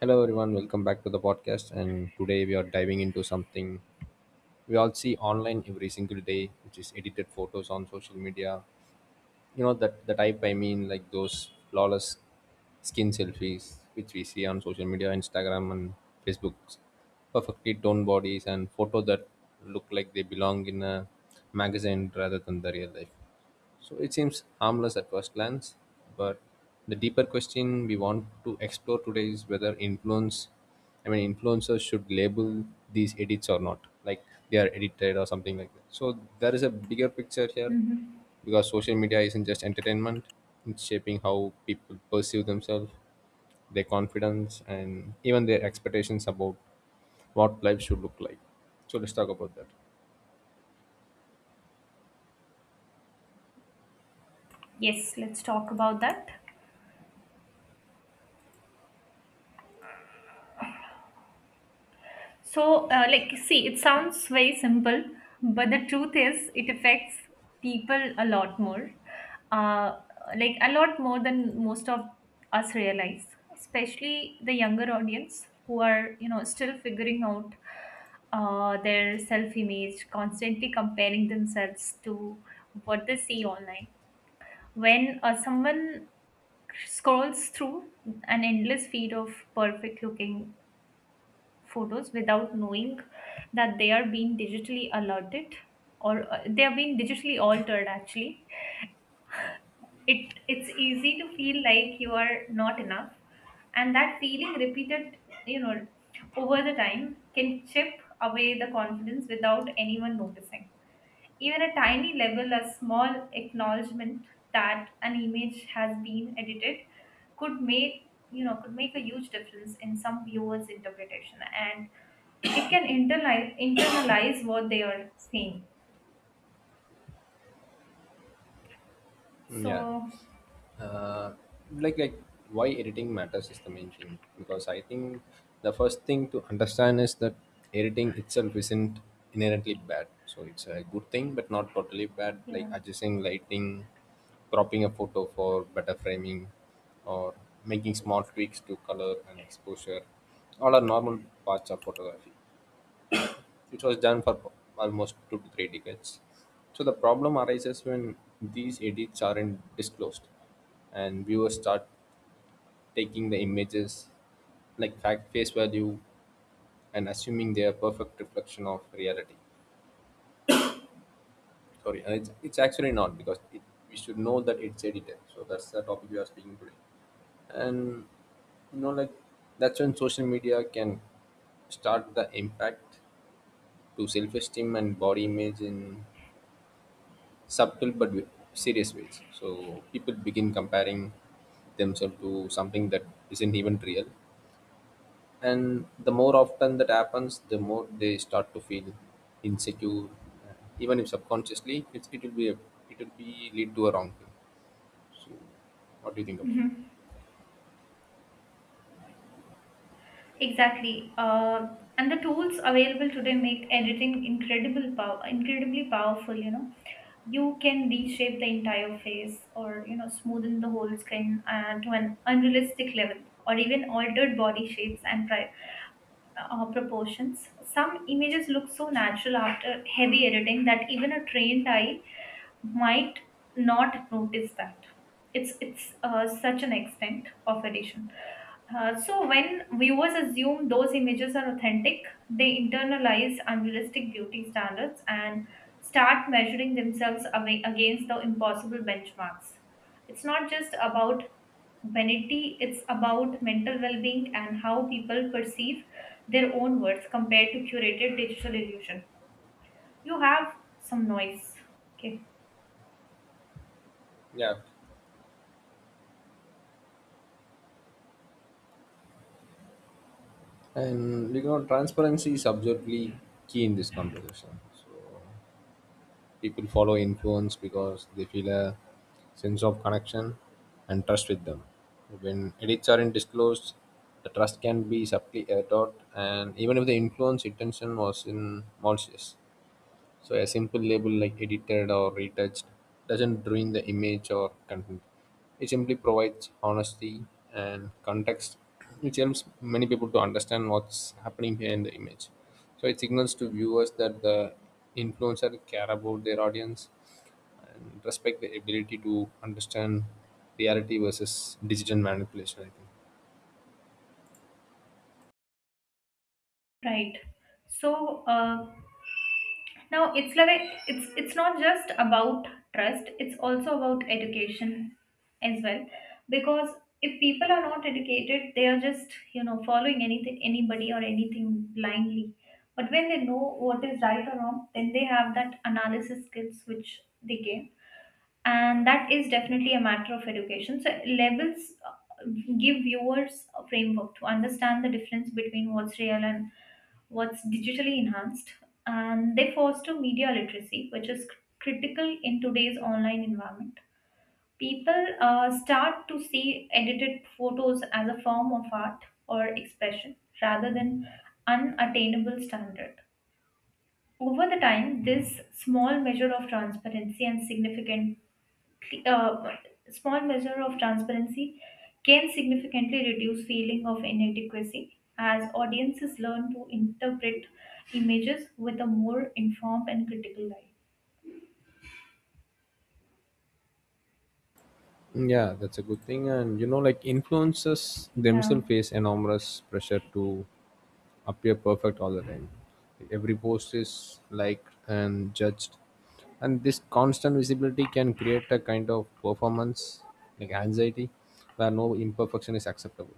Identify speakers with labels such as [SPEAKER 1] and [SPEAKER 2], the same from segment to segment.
[SPEAKER 1] Hello, everyone. Welcome back to the podcast. And today we are diving into something we all see online every single day, which is edited photos on social media. You know that the type I mean like those flawless skin selfies which we see on social media, Instagram and Facebook, perfectly toned bodies and photos that look like they belong in a magazine rather than the real life. So it seems harmless at first glance, but the deeper question we want to explore today is whether influencers should label these edits or not, like they are edited or something like that. So there is a bigger picture here,
[SPEAKER 2] Mm-hmm.
[SPEAKER 1] because social media isn't just entertainment. It's shaping how people perceive themselves, their confidence and even their expectations about what life should look like. So let's talk about that.
[SPEAKER 2] Yes, let's talk about that. So, like, see, it sounds very simple, but the truth is, it affects people a lot more. Uh, like, a lot more than most of us realize, especially the younger audience who are still figuring out their self image, constantly comparing themselves to what they see online. When someone scrolls through an endless feed of perfect looking photos without knowing that they are being digitally alerted or they are being digitally altered. Actually, it's easy to feel like you are not enough, and that feeling repeated you know over the time can chip away the confidence without anyone noticing. Even a tiny level, a small acknowledgement that an image has been edited, could make you know could make a huge difference in some viewers interpretation, and it can internalize what they are seeing.
[SPEAKER 1] Yeah.
[SPEAKER 2] So,
[SPEAKER 1] uh, like why editing matters is the main thing, because I think the first thing to understand is that editing itself isn't inherently bad. So it's a good thing but not totally bad. Like
[SPEAKER 2] yeah.
[SPEAKER 1] adjusting lighting, cropping a photo for better framing, or making small tweaks to color and exposure, all are normal parts of photography. It was done for almost two to three decades. So the problem arises when these edits aren't disclosed, and viewers start taking the images like fact face value and assuming they are perfect reflection of reality. Sorry, and it's actually not, because we should know that it's edited. So that's the topic we are speaking today, and you know like that's when social media can start the impact to self-esteem and body image in subtle but serious ways. So people begin comparing themselves to something that isn't even real. And the more often that happens, the more they start to feel insecure. Even if subconsciously, it will be lead to a wrong thing. So, what do you think about it?
[SPEAKER 2] Mhm. Exactly, and the tools available today make editing incredible power incredibly powerful. You can reshape the entire face, or smoothen the whole skin to an unrealistic level, or even altered body shapes and proportions. Some images look so natural after heavy editing that even a trained eye might not notice that it's such an extent of addition. So when viewers assume those images are authentic, they internalize unrealistic beauty standards and start measuring themselves away against the impossible benchmarks. It's not just about vanity, it's about mental well-being and how people perceive their own words compared to curated digital illusion. You have some noise. Okay.
[SPEAKER 1] Yeah, and you know, transparency is absolutely key in this conversation. So, people follow influence because they feel a sense of connection and trust with them. When edits aren't disclosed, the trust can be subtly eroded, and even if the influence intention was in malicious. So a simple label like edited or retouched doesn't ruin the image or content. It simply provides honesty and context, which helps many people to understand what's happening behind the image. So it signals to viewers that the influencer care about their audience and respect the ability to understand reality versus digital manipulation, I think.
[SPEAKER 2] Right. So, now it's like it's not just about trust; it's also about education as well. Because if people are not educated, they are just following anything, anybody or anything blindly. But when they know what is right or wrong, then they have that analysis skills which they gain, and that is definitely a matter of education. So labels give viewers a framework to understand the difference between what's real and what's digitally enhanced, and they foster media literacy, which is critical in today's online environment. People start to see edited photos as a form of art or expression rather than unattainable standard. Over the time, this uh, small measure of transparency can significantly reduce feeling of inadequacy as audiences learn to interpret images with a more informed and critical eye.
[SPEAKER 1] Yeah, that's a good thing. And you know, like influencers
[SPEAKER 2] Yeah.
[SPEAKER 1] themselves face enormous pressure to appear perfect all the time. Every post is liked and judged, and this constant visibility can create a kind of performance like anxiety where no imperfection is acceptable.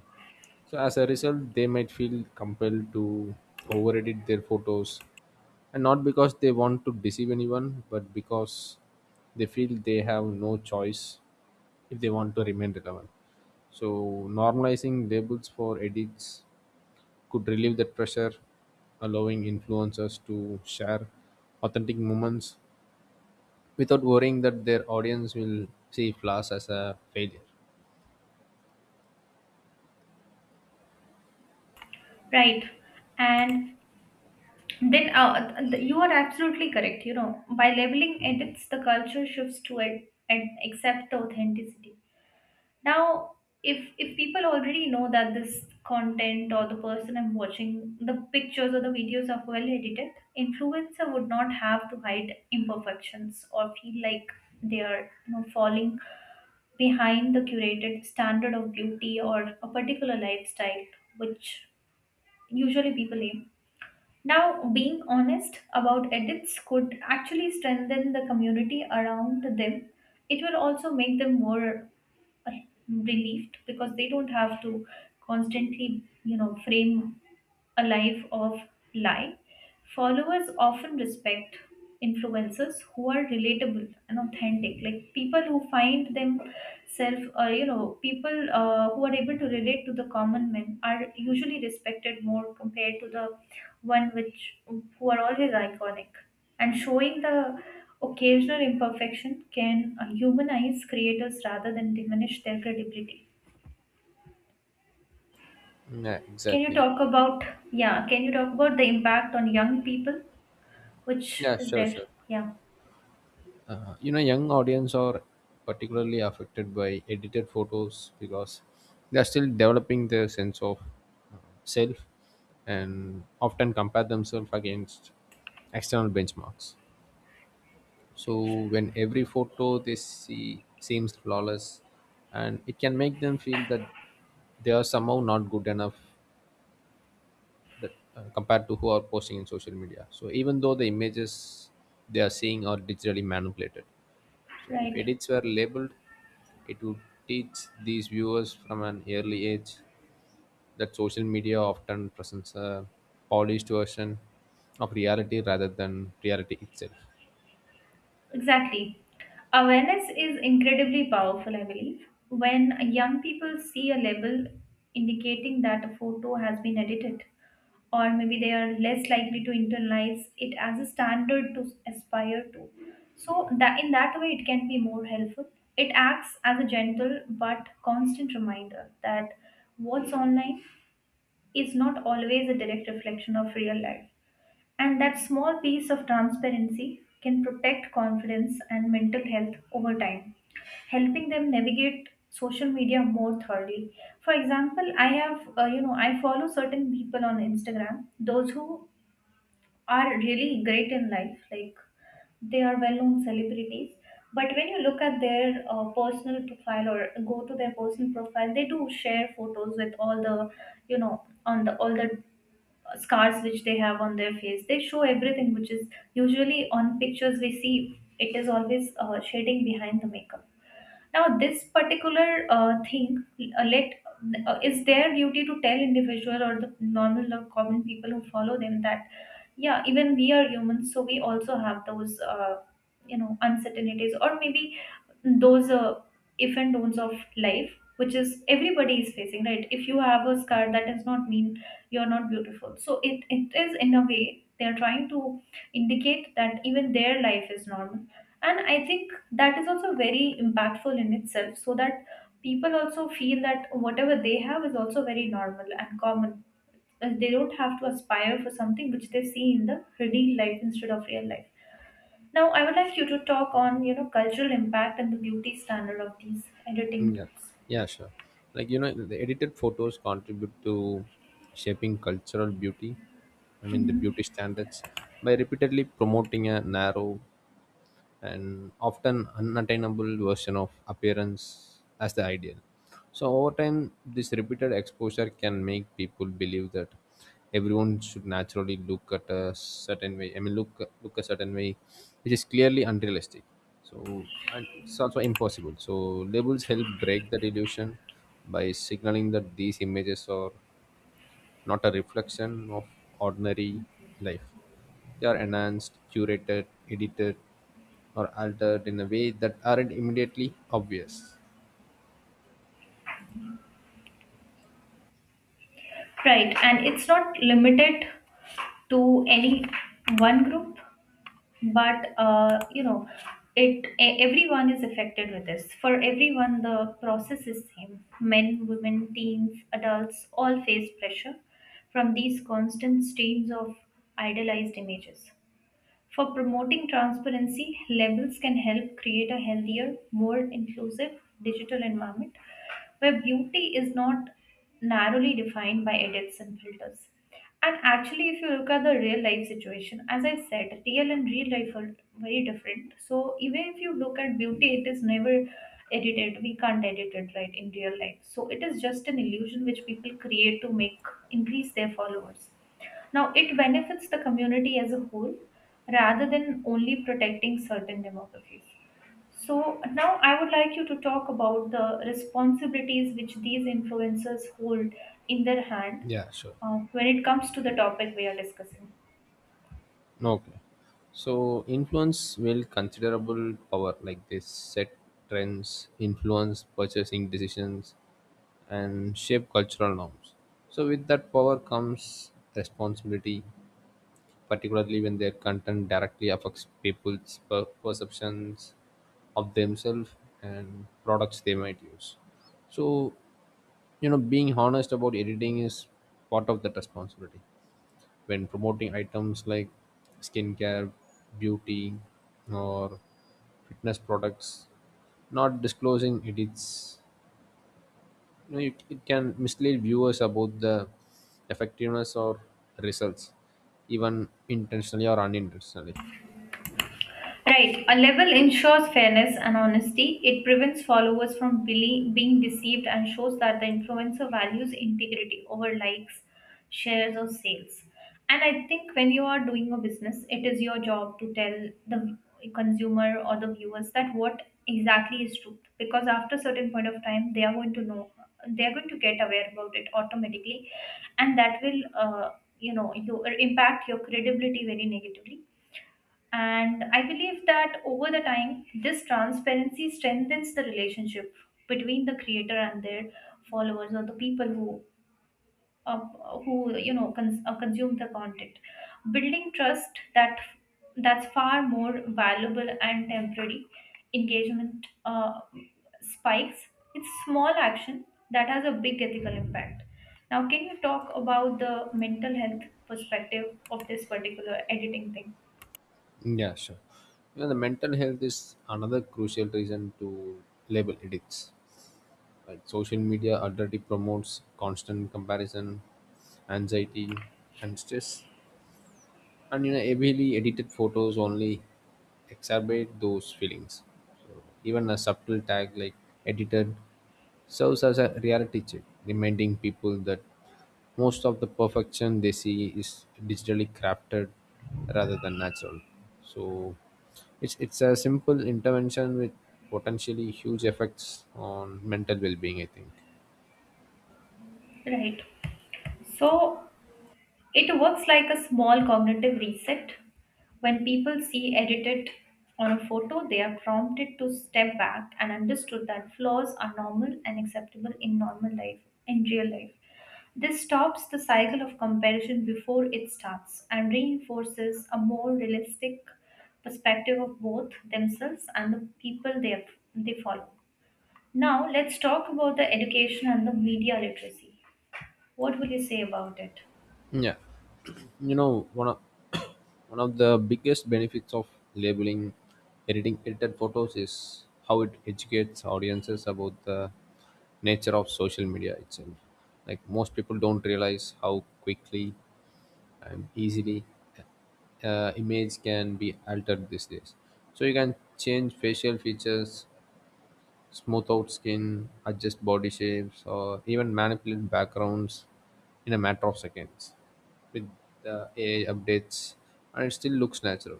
[SPEAKER 1] So, as a result, they might feel compelled to over edit their photos, and not because they want to deceive anyone, but because they feel they have no choice if they want to remain relevant. So normalizing labels for edits could relieve that pressure, allowing influencers to share authentic moments without worrying that their audience will see flaws as a failure.
[SPEAKER 2] Right. And then you are absolutely correct by labeling edits, the culture shifts to it and accept the authenticity. Now, if people already know that this content, or the person I'm watching, the pictures or the videos are well edited, influencer would not have to hide imperfections or feel like they are falling behind the curated standard of beauty or a particular lifestyle, which usually people aim. Now, being honest about edits could actually strengthen the community around them. It will also make them more relieved because they don't have to constantly frame a life of lie. Followers often respect influencers who are relatable and authentic, like people who find themselves, or people who are able to relate to the common men are usually respected more compared to the one which who are always iconic. And showing the occasional imperfection can humanize creators rather than diminish their credibility.
[SPEAKER 1] Yeah,
[SPEAKER 2] Can you
[SPEAKER 1] exactly.
[SPEAKER 2] talk about yeah? Can you talk about the impact on young people? Which
[SPEAKER 1] Yeah,
[SPEAKER 2] is
[SPEAKER 1] sure,
[SPEAKER 2] there.
[SPEAKER 1] sure.
[SPEAKER 2] Yeah.
[SPEAKER 1] You know, young audience are particularly affected by edited photos because they are still developing their sense of uh, self, and often compare themselves against external benchmarks. So when every photo they see seems flawless, and it can make them feel that they are somehow not good enough, that compared to who are posting in social media. So even though the images they are seeing are digitally manipulated, so if
[SPEAKER 2] Right.
[SPEAKER 1] edits were labeled, it would teach these viewers from an early age that social media often presents a polished version of reality rather than reality itself.
[SPEAKER 2] Exactly. Awareness is incredibly powerful, I believe. When young people see a label indicating that a photo has been edited, or maybe they are less likely to internalize it as a standard to aspire to. So that in that way, it can be more helpful. It acts as a gentle but constant reminder that what's online is not always a direct reflection of real life. And that small piece of transparency can protect confidence and mental health over time, helping them navigate social media more thoroughly. For example, I have, you know, I follow certain people on Instagram, those who are really great in life, like they are well known celebrities. But when you look at their personal profile, or go to their personal profile, they do share photos with all the scars which they have on their face. They show everything, which is usually on pictures we see it is always shading behind the makeup. Now, this particular thing, let is their duty to tell individual or the normal or common people who follow them that yeah, even we are humans, so we also have those uncertainties, or maybe those if and don'ts of life, which is everybody is facing, right? If you have a scar, that does not mean you're not beautiful. So it is in a way they are trying to indicate that even their life is normal. And I think that is also very impactful in itself, so that people also feel that whatever they have is also very normal and common. They don't have to aspire for something which they see in the real life instead of real life. Now, I would like you to talk on cultural impact and the beauty standard of these editing
[SPEAKER 1] Yeah,
[SPEAKER 2] tools.
[SPEAKER 1] yeah, sure. Like you know, the edited photos contribute to shaping cultural beauty. I mean, the beauty standards by repeatedly promoting a narrow and often unattainable version of appearance as the ideal. So, over time, this repeated exposure can make people believe that everyone should naturally look at a certain way. I mean, look a certain way, which is clearly unrealistic. So, and it's also impossible. So, labels help break that illusion by signaling that these images are not a reflection of ordinary life. They are enhanced, curated, edited, or altered in a way that aren't immediately obvious.
[SPEAKER 2] Right. And it's not limited to any one group, but it everyone is affected with this. For everyone the process is same, men women teens adults all face pressure from these constant streams of idealized images. For promoting transparency, labels can help create a healthier, more inclusive digital environment where beauty is not narrowly defined by edits and filters. And actually, if you look at the real life situation, as I said, real and real life are very different. So even if you look at beauty, it is never edited. We can't edit it right in real life. So it is just an illusion which people create to make increase their followers. Now, it benefits the community as a whole rather than only protecting certain demographics. So, now I would like you to talk about the responsibilities which these influencers hold in their hand
[SPEAKER 1] Yeah, sure.
[SPEAKER 2] when it comes to the topic we are discussing.
[SPEAKER 1] Okay. So influence will considerable power, like they set trends, influence purchasing decisions and shape cultural norms. So with that power comes responsibility, particularly when their content directly affects people's perceptions of themselves and products they might use. So you know, being honest about editing is part of that responsibility. When promoting items like skincare, beauty, or fitness products, not disclosing edits, you know, it can mislead viewers about the effectiveness or results, even intentionally or unintentionally.
[SPEAKER 2] Right. A level ensures fairness and honesty. It prevents followers from being deceived and shows that the influencer values integrity over likes, shares, or sales. And I think when you are doing a business, it is your job to tell the consumer or the viewers that what exactly is truth. Because after a certain point of time, they are going to know, they are going to get aware about it automatically, and that will, you know, you impact your credibility very negatively. And I believe that over the time, this transparency strengthens the relationship between the creator and their followers, or the people uh, who consume the content, building trust that's far more valuable and temporary engagement spikes. It's small action that has a big ethical impact. Now, can you talk about the mental health perspective of this particular editing thing?
[SPEAKER 1] Yeah, sure. You know, the mental health is another crucial reason to label edits. Like social media utterly promotes constant comparison, anxiety, and stress. And you know, heavily edited photos only exacerbate those feelings. So even a subtle tag like edited serves as a reality check, reminding people that most of the perfection they see is digitally crafted rather than natural. So it's a simple intervention with potentially huge effects on mental well-being, I think.
[SPEAKER 2] Right. So it works like a small cognitive reset. When people see edited on a photo, they are prompted to step back and understood that flaws are normal and acceptable in normal life, in real life. This stops the cycle of comparison before it starts and reinforces a more realistic perspective of both themselves and the people they follow. Now, let's talk about the education and the media literacy. What will you say about it?
[SPEAKER 1] Yeah, you know, one of one of the biggest benefits of labeling editing edited photos is how it educates audiences about the nature of social media itself. Like most people don't realize how quickly and easily image can be altered these days. So you can change facial features, smooth out skin, adjust body shapes, or even manipulate backgrounds in a matter of seconds with the AI updates, and it still looks natural.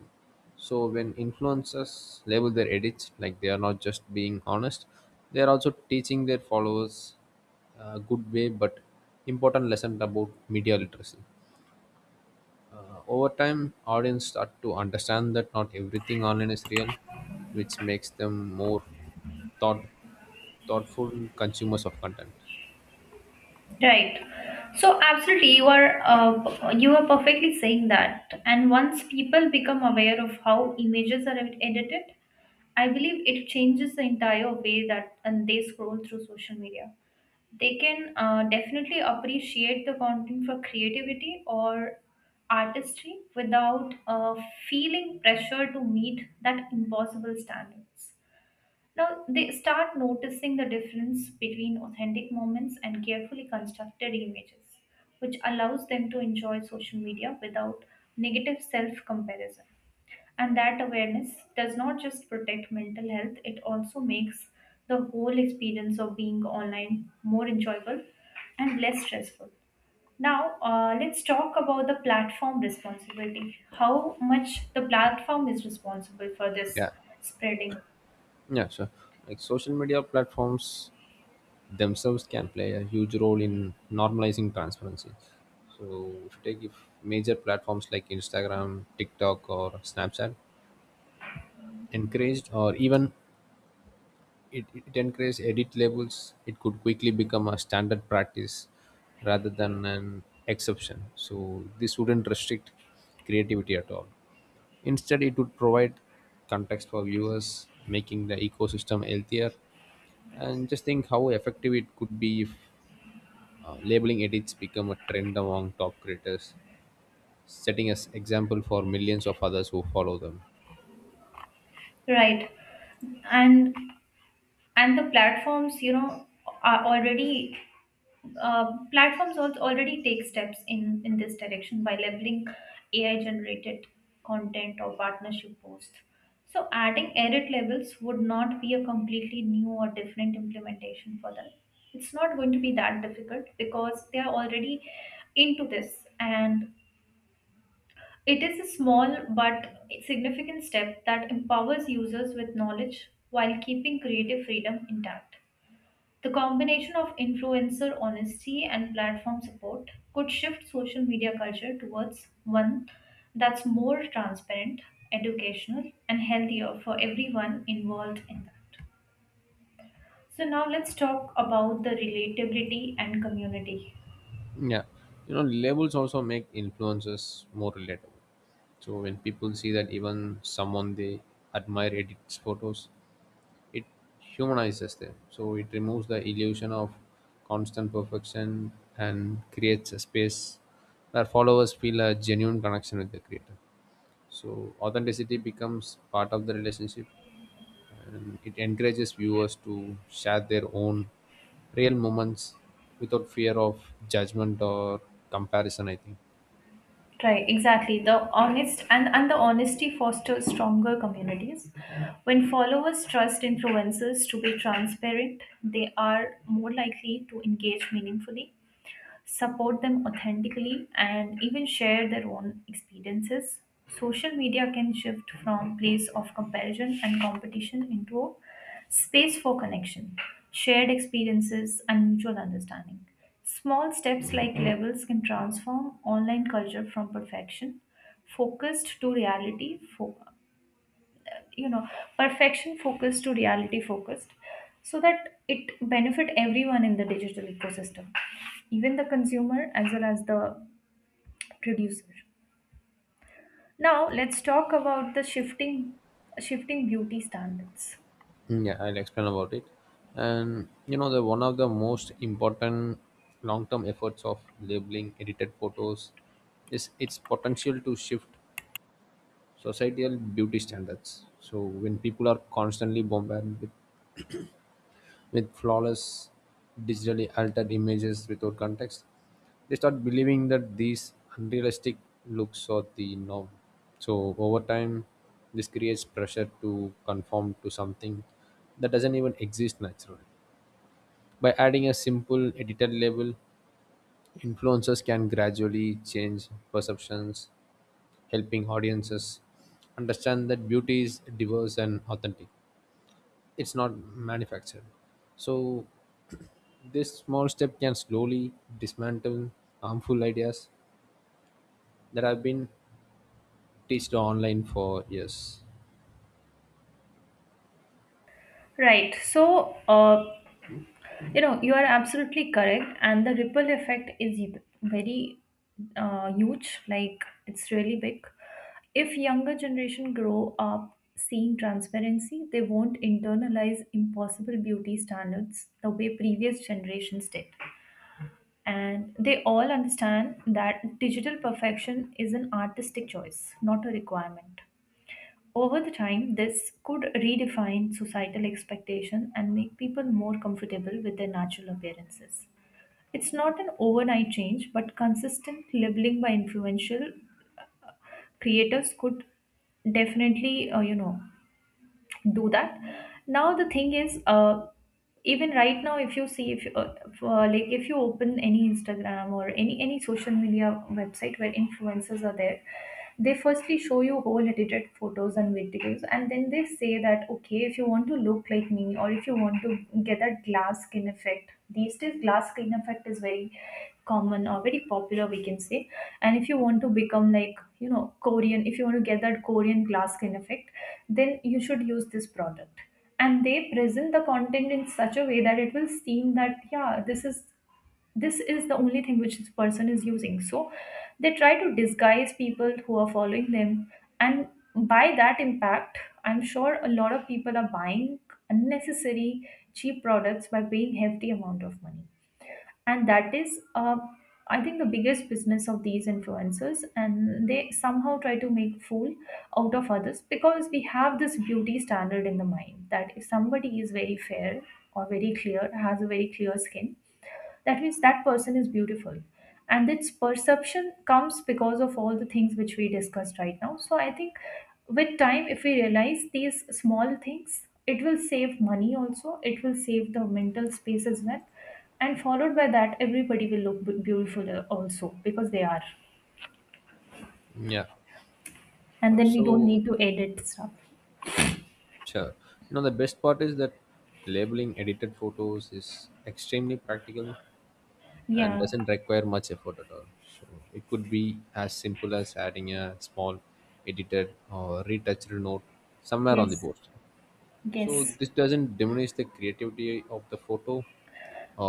[SPEAKER 1] So, when influencers label their edits, like they are not just being honest, they are also teaching their followers a good way but important lesson about media literacy. Over time, audience start to understand that not everything online is real, which makes them more thought thoughtful consumers of content.
[SPEAKER 2] Right. So absolutely, you are perfectly saying that. And once people become aware of how images are edited, I believe it changes the entire way that and they scroll through social media. They can definitely appreciate the content for creativity or artistry without feeling pressure to meet that impossible standards. Now they start noticing the difference between authentic moments and carefully constructed images, which allows them to enjoy social media without negative self comparison. And that awareness does not just protect mental health, it also makes the whole experience of being online more enjoyable and less stressful. Now, let's talk about the platform responsibility. How much the platform is responsible for this
[SPEAKER 1] Yeah,
[SPEAKER 2] spreading,
[SPEAKER 1] yeah, sure. Like social media platforms themselves can play a huge role in normalizing transparency. So, if you take if major platforms like Instagram, TikTok, or Snapchat encouraged or even it encouraged edit labels, it could quickly become a standard practice rather than an exception. So this wouldn't restrict creativity at all. Instead, it would provide context for viewers, making the ecosystem healthier. And just think how effective it could be if labeling edits become a trend among top creators, setting as example for millions of others who follow them.
[SPEAKER 2] right? and and the platforms are already platforms already take steps in this direction by labeling AI generated content or partnership posts. So adding edit labels would not be a completely new or different implementation for them. It's not going to be that difficult because they are already into this, and it is a small but significant step that empowers users with knowledge while keeping creative freedom intact. The combination of influencer honesty and platform support could shift social media culture towards one that's more transparent, educational, and healthier for everyone involved in that. So now let's talk about the relatability and community.
[SPEAKER 1] Yeah, you know, labels also make influencers more relatable. So when people see that even someone they admire edits photos, it humanizes them. So it removes the illusion of constant perfection and creates a space where followers feel a genuine connection with the creator. So authenticity becomes part of the relationship, and it encourages viewers to share their own real moments without fear of judgment or comparison, I think.
[SPEAKER 2] Right, exactly. The honest and the honesty fosters stronger communities. When followers trust influencers to be transparent, they are more likely to engage meaningfully, support them authentically, and even share their own experiences. Social media can shift from place of comparison and competition into a space for connection, shared experiences, and mutual understanding. Small steps like levels can transform online culture from perfection focused to reality, fo- you know perfection focused to reality focused, so that it benefit everyone in the digital ecosystem, even the consumer as well as the producer. Now let's talk about the shifting beauty standards.
[SPEAKER 1] Yeah, I'll explain about it. And you know, the one of the most important long-term efforts of labeling edited photos is its potential to shift societal beauty standards. So when people are constantly bombarded with flawless, digitally altered images without context, they start believing that these unrealistic looks are the norm. So over time, this creates pressure to conform to something that doesn't even exist naturally. By adding a simple edited label, influencers can gradually change perceptions, helping audiences understand that beauty is diverse and authentic, it's not manufactured. So this small step can slowly dismantle harmful ideas that have been teached online for years.
[SPEAKER 2] Right, so you know, you are absolutely correct, and the ripple effect is very huge. Like, it's really big. If younger generation grow up seeing transparency, they won't internalize impossible beauty standards the way previous generations did. And they all understand that digital perfection is an artistic choice, not a requirement. Over the time, this could redefine societal expectation and make people more comfortable with their natural appearances. It's not an overnight change, but consistent labeling by influential creators could definitely, do that. Now the thing is, even right now, if you see, if you open any Instagram or any social media website where influencers are there, they firstly show you whole edited photos and videos, and then they say that, okay, if you want to look like me, or if you want to get that glass skin effect. These days glass skin effect is very common or very popular, we can say. And if you want to become like, you know, Korean, if you want to get that Korean glass skin effect, then you should use this product. And they present the content in such a way that it will seem that, yeah, this is the only thing which this person is using. So they try to disguise people who are following them, and by that impact, I'm sure a lot of people are buying unnecessary cheap products by paying hefty amount of money. And that is, I think, the biggest business of these influencers, and they somehow try to make fool out of others, because we have this beauty standard in the mind that if somebody is very fair, or very clear, has a very clear skin, that means that person is beautiful. And its perception comes because of all the things which we discussed right now. So I think with time, if we realize these small things, it will save money, also it will save the mental space as well. And followed by that, everybody will look beautiful, also, because they are.
[SPEAKER 1] Yeah.
[SPEAKER 2] And then we don't
[SPEAKER 1] So
[SPEAKER 2] need to edit stuff.
[SPEAKER 1] sure. You know, the best part is that labeling edited photos is extremely practical and
[SPEAKER 2] Yeah.
[SPEAKER 1] doesn't require much effort at all. So it could be as simple as adding a small edited or retouched note somewhere on
[SPEAKER 2] Yes.
[SPEAKER 1] the post.
[SPEAKER 2] Yes.
[SPEAKER 1] So this doesn't diminish the creativity of the photo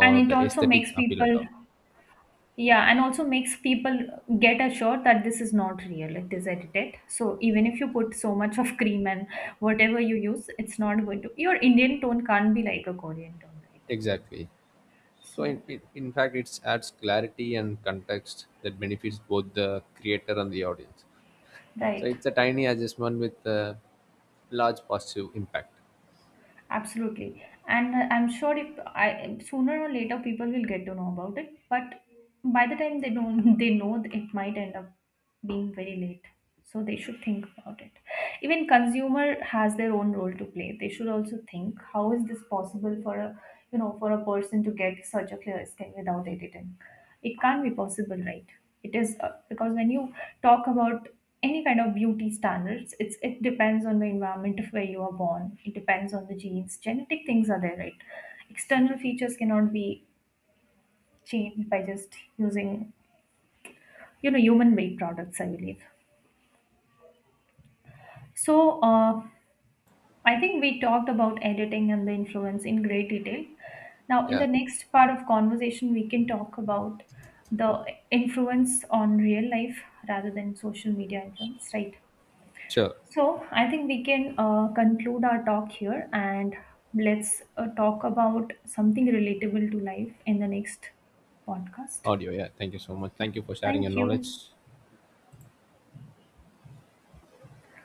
[SPEAKER 2] and it
[SPEAKER 1] the
[SPEAKER 2] also
[SPEAKER 1] aesthetic
[SPEAKER 2] makes
[SPEAKER 1] appeal at
[SPEAKER 2] people
[SPEAKER 1] all.
[SPEAKER 2] Yeah, and also makes people get assured that this is not real, it is edited. So even if you put so much of cream and whatever you use, it's not going to, your Indian tone can't be like a Korean tone, right?
[SPEAKER 1] Exactly. So
[SPEAKER 2] So
[SPEAKER 1] in fact, it adds clarity and context that benefits both the creator and the audience. So
[SPEAKER 2] right.
[SPEAKER 1] it's a tiny adjustment with a large positive impact.
[SPEAKER 2] Absolutely. And I'm sure if I sooner or later people will get to know about it, but by the time they don't they know, it might end up being very late. So they should think about it. Even consumer has their own role to play. They should also think, how is this possible for a, you know, for a person to get such a clear skin without editing? It can't be possible, right? It is, because when you talk about any kind of beauty standards, it depends on the environment of where you are born, it depends on the genes, genetic things are there, right? External features cannot be changed by just using, you know, human made products, I believe. So uh, I think we talked about editing and the influence in great detail. Now in
[SPEAKER 1] Yeah,
[SPEAKER 2] the next part of conversation we can talk about the influence on real life rather than social media influence, right?
[SPEAKER 1] sure.
[SPEAKER 2] So I think we can conclude our talk here, and let's talk about something relatable to life in the next podcast.
[SPEAKER 1] Audio. Yeah, thank you so much.
[SPEAKER 2] Yeah.
[SPEAKER 1] Thank you for sharing your
[SPEAKER 2] Thank you.
[SPEAKER 1] knowledge.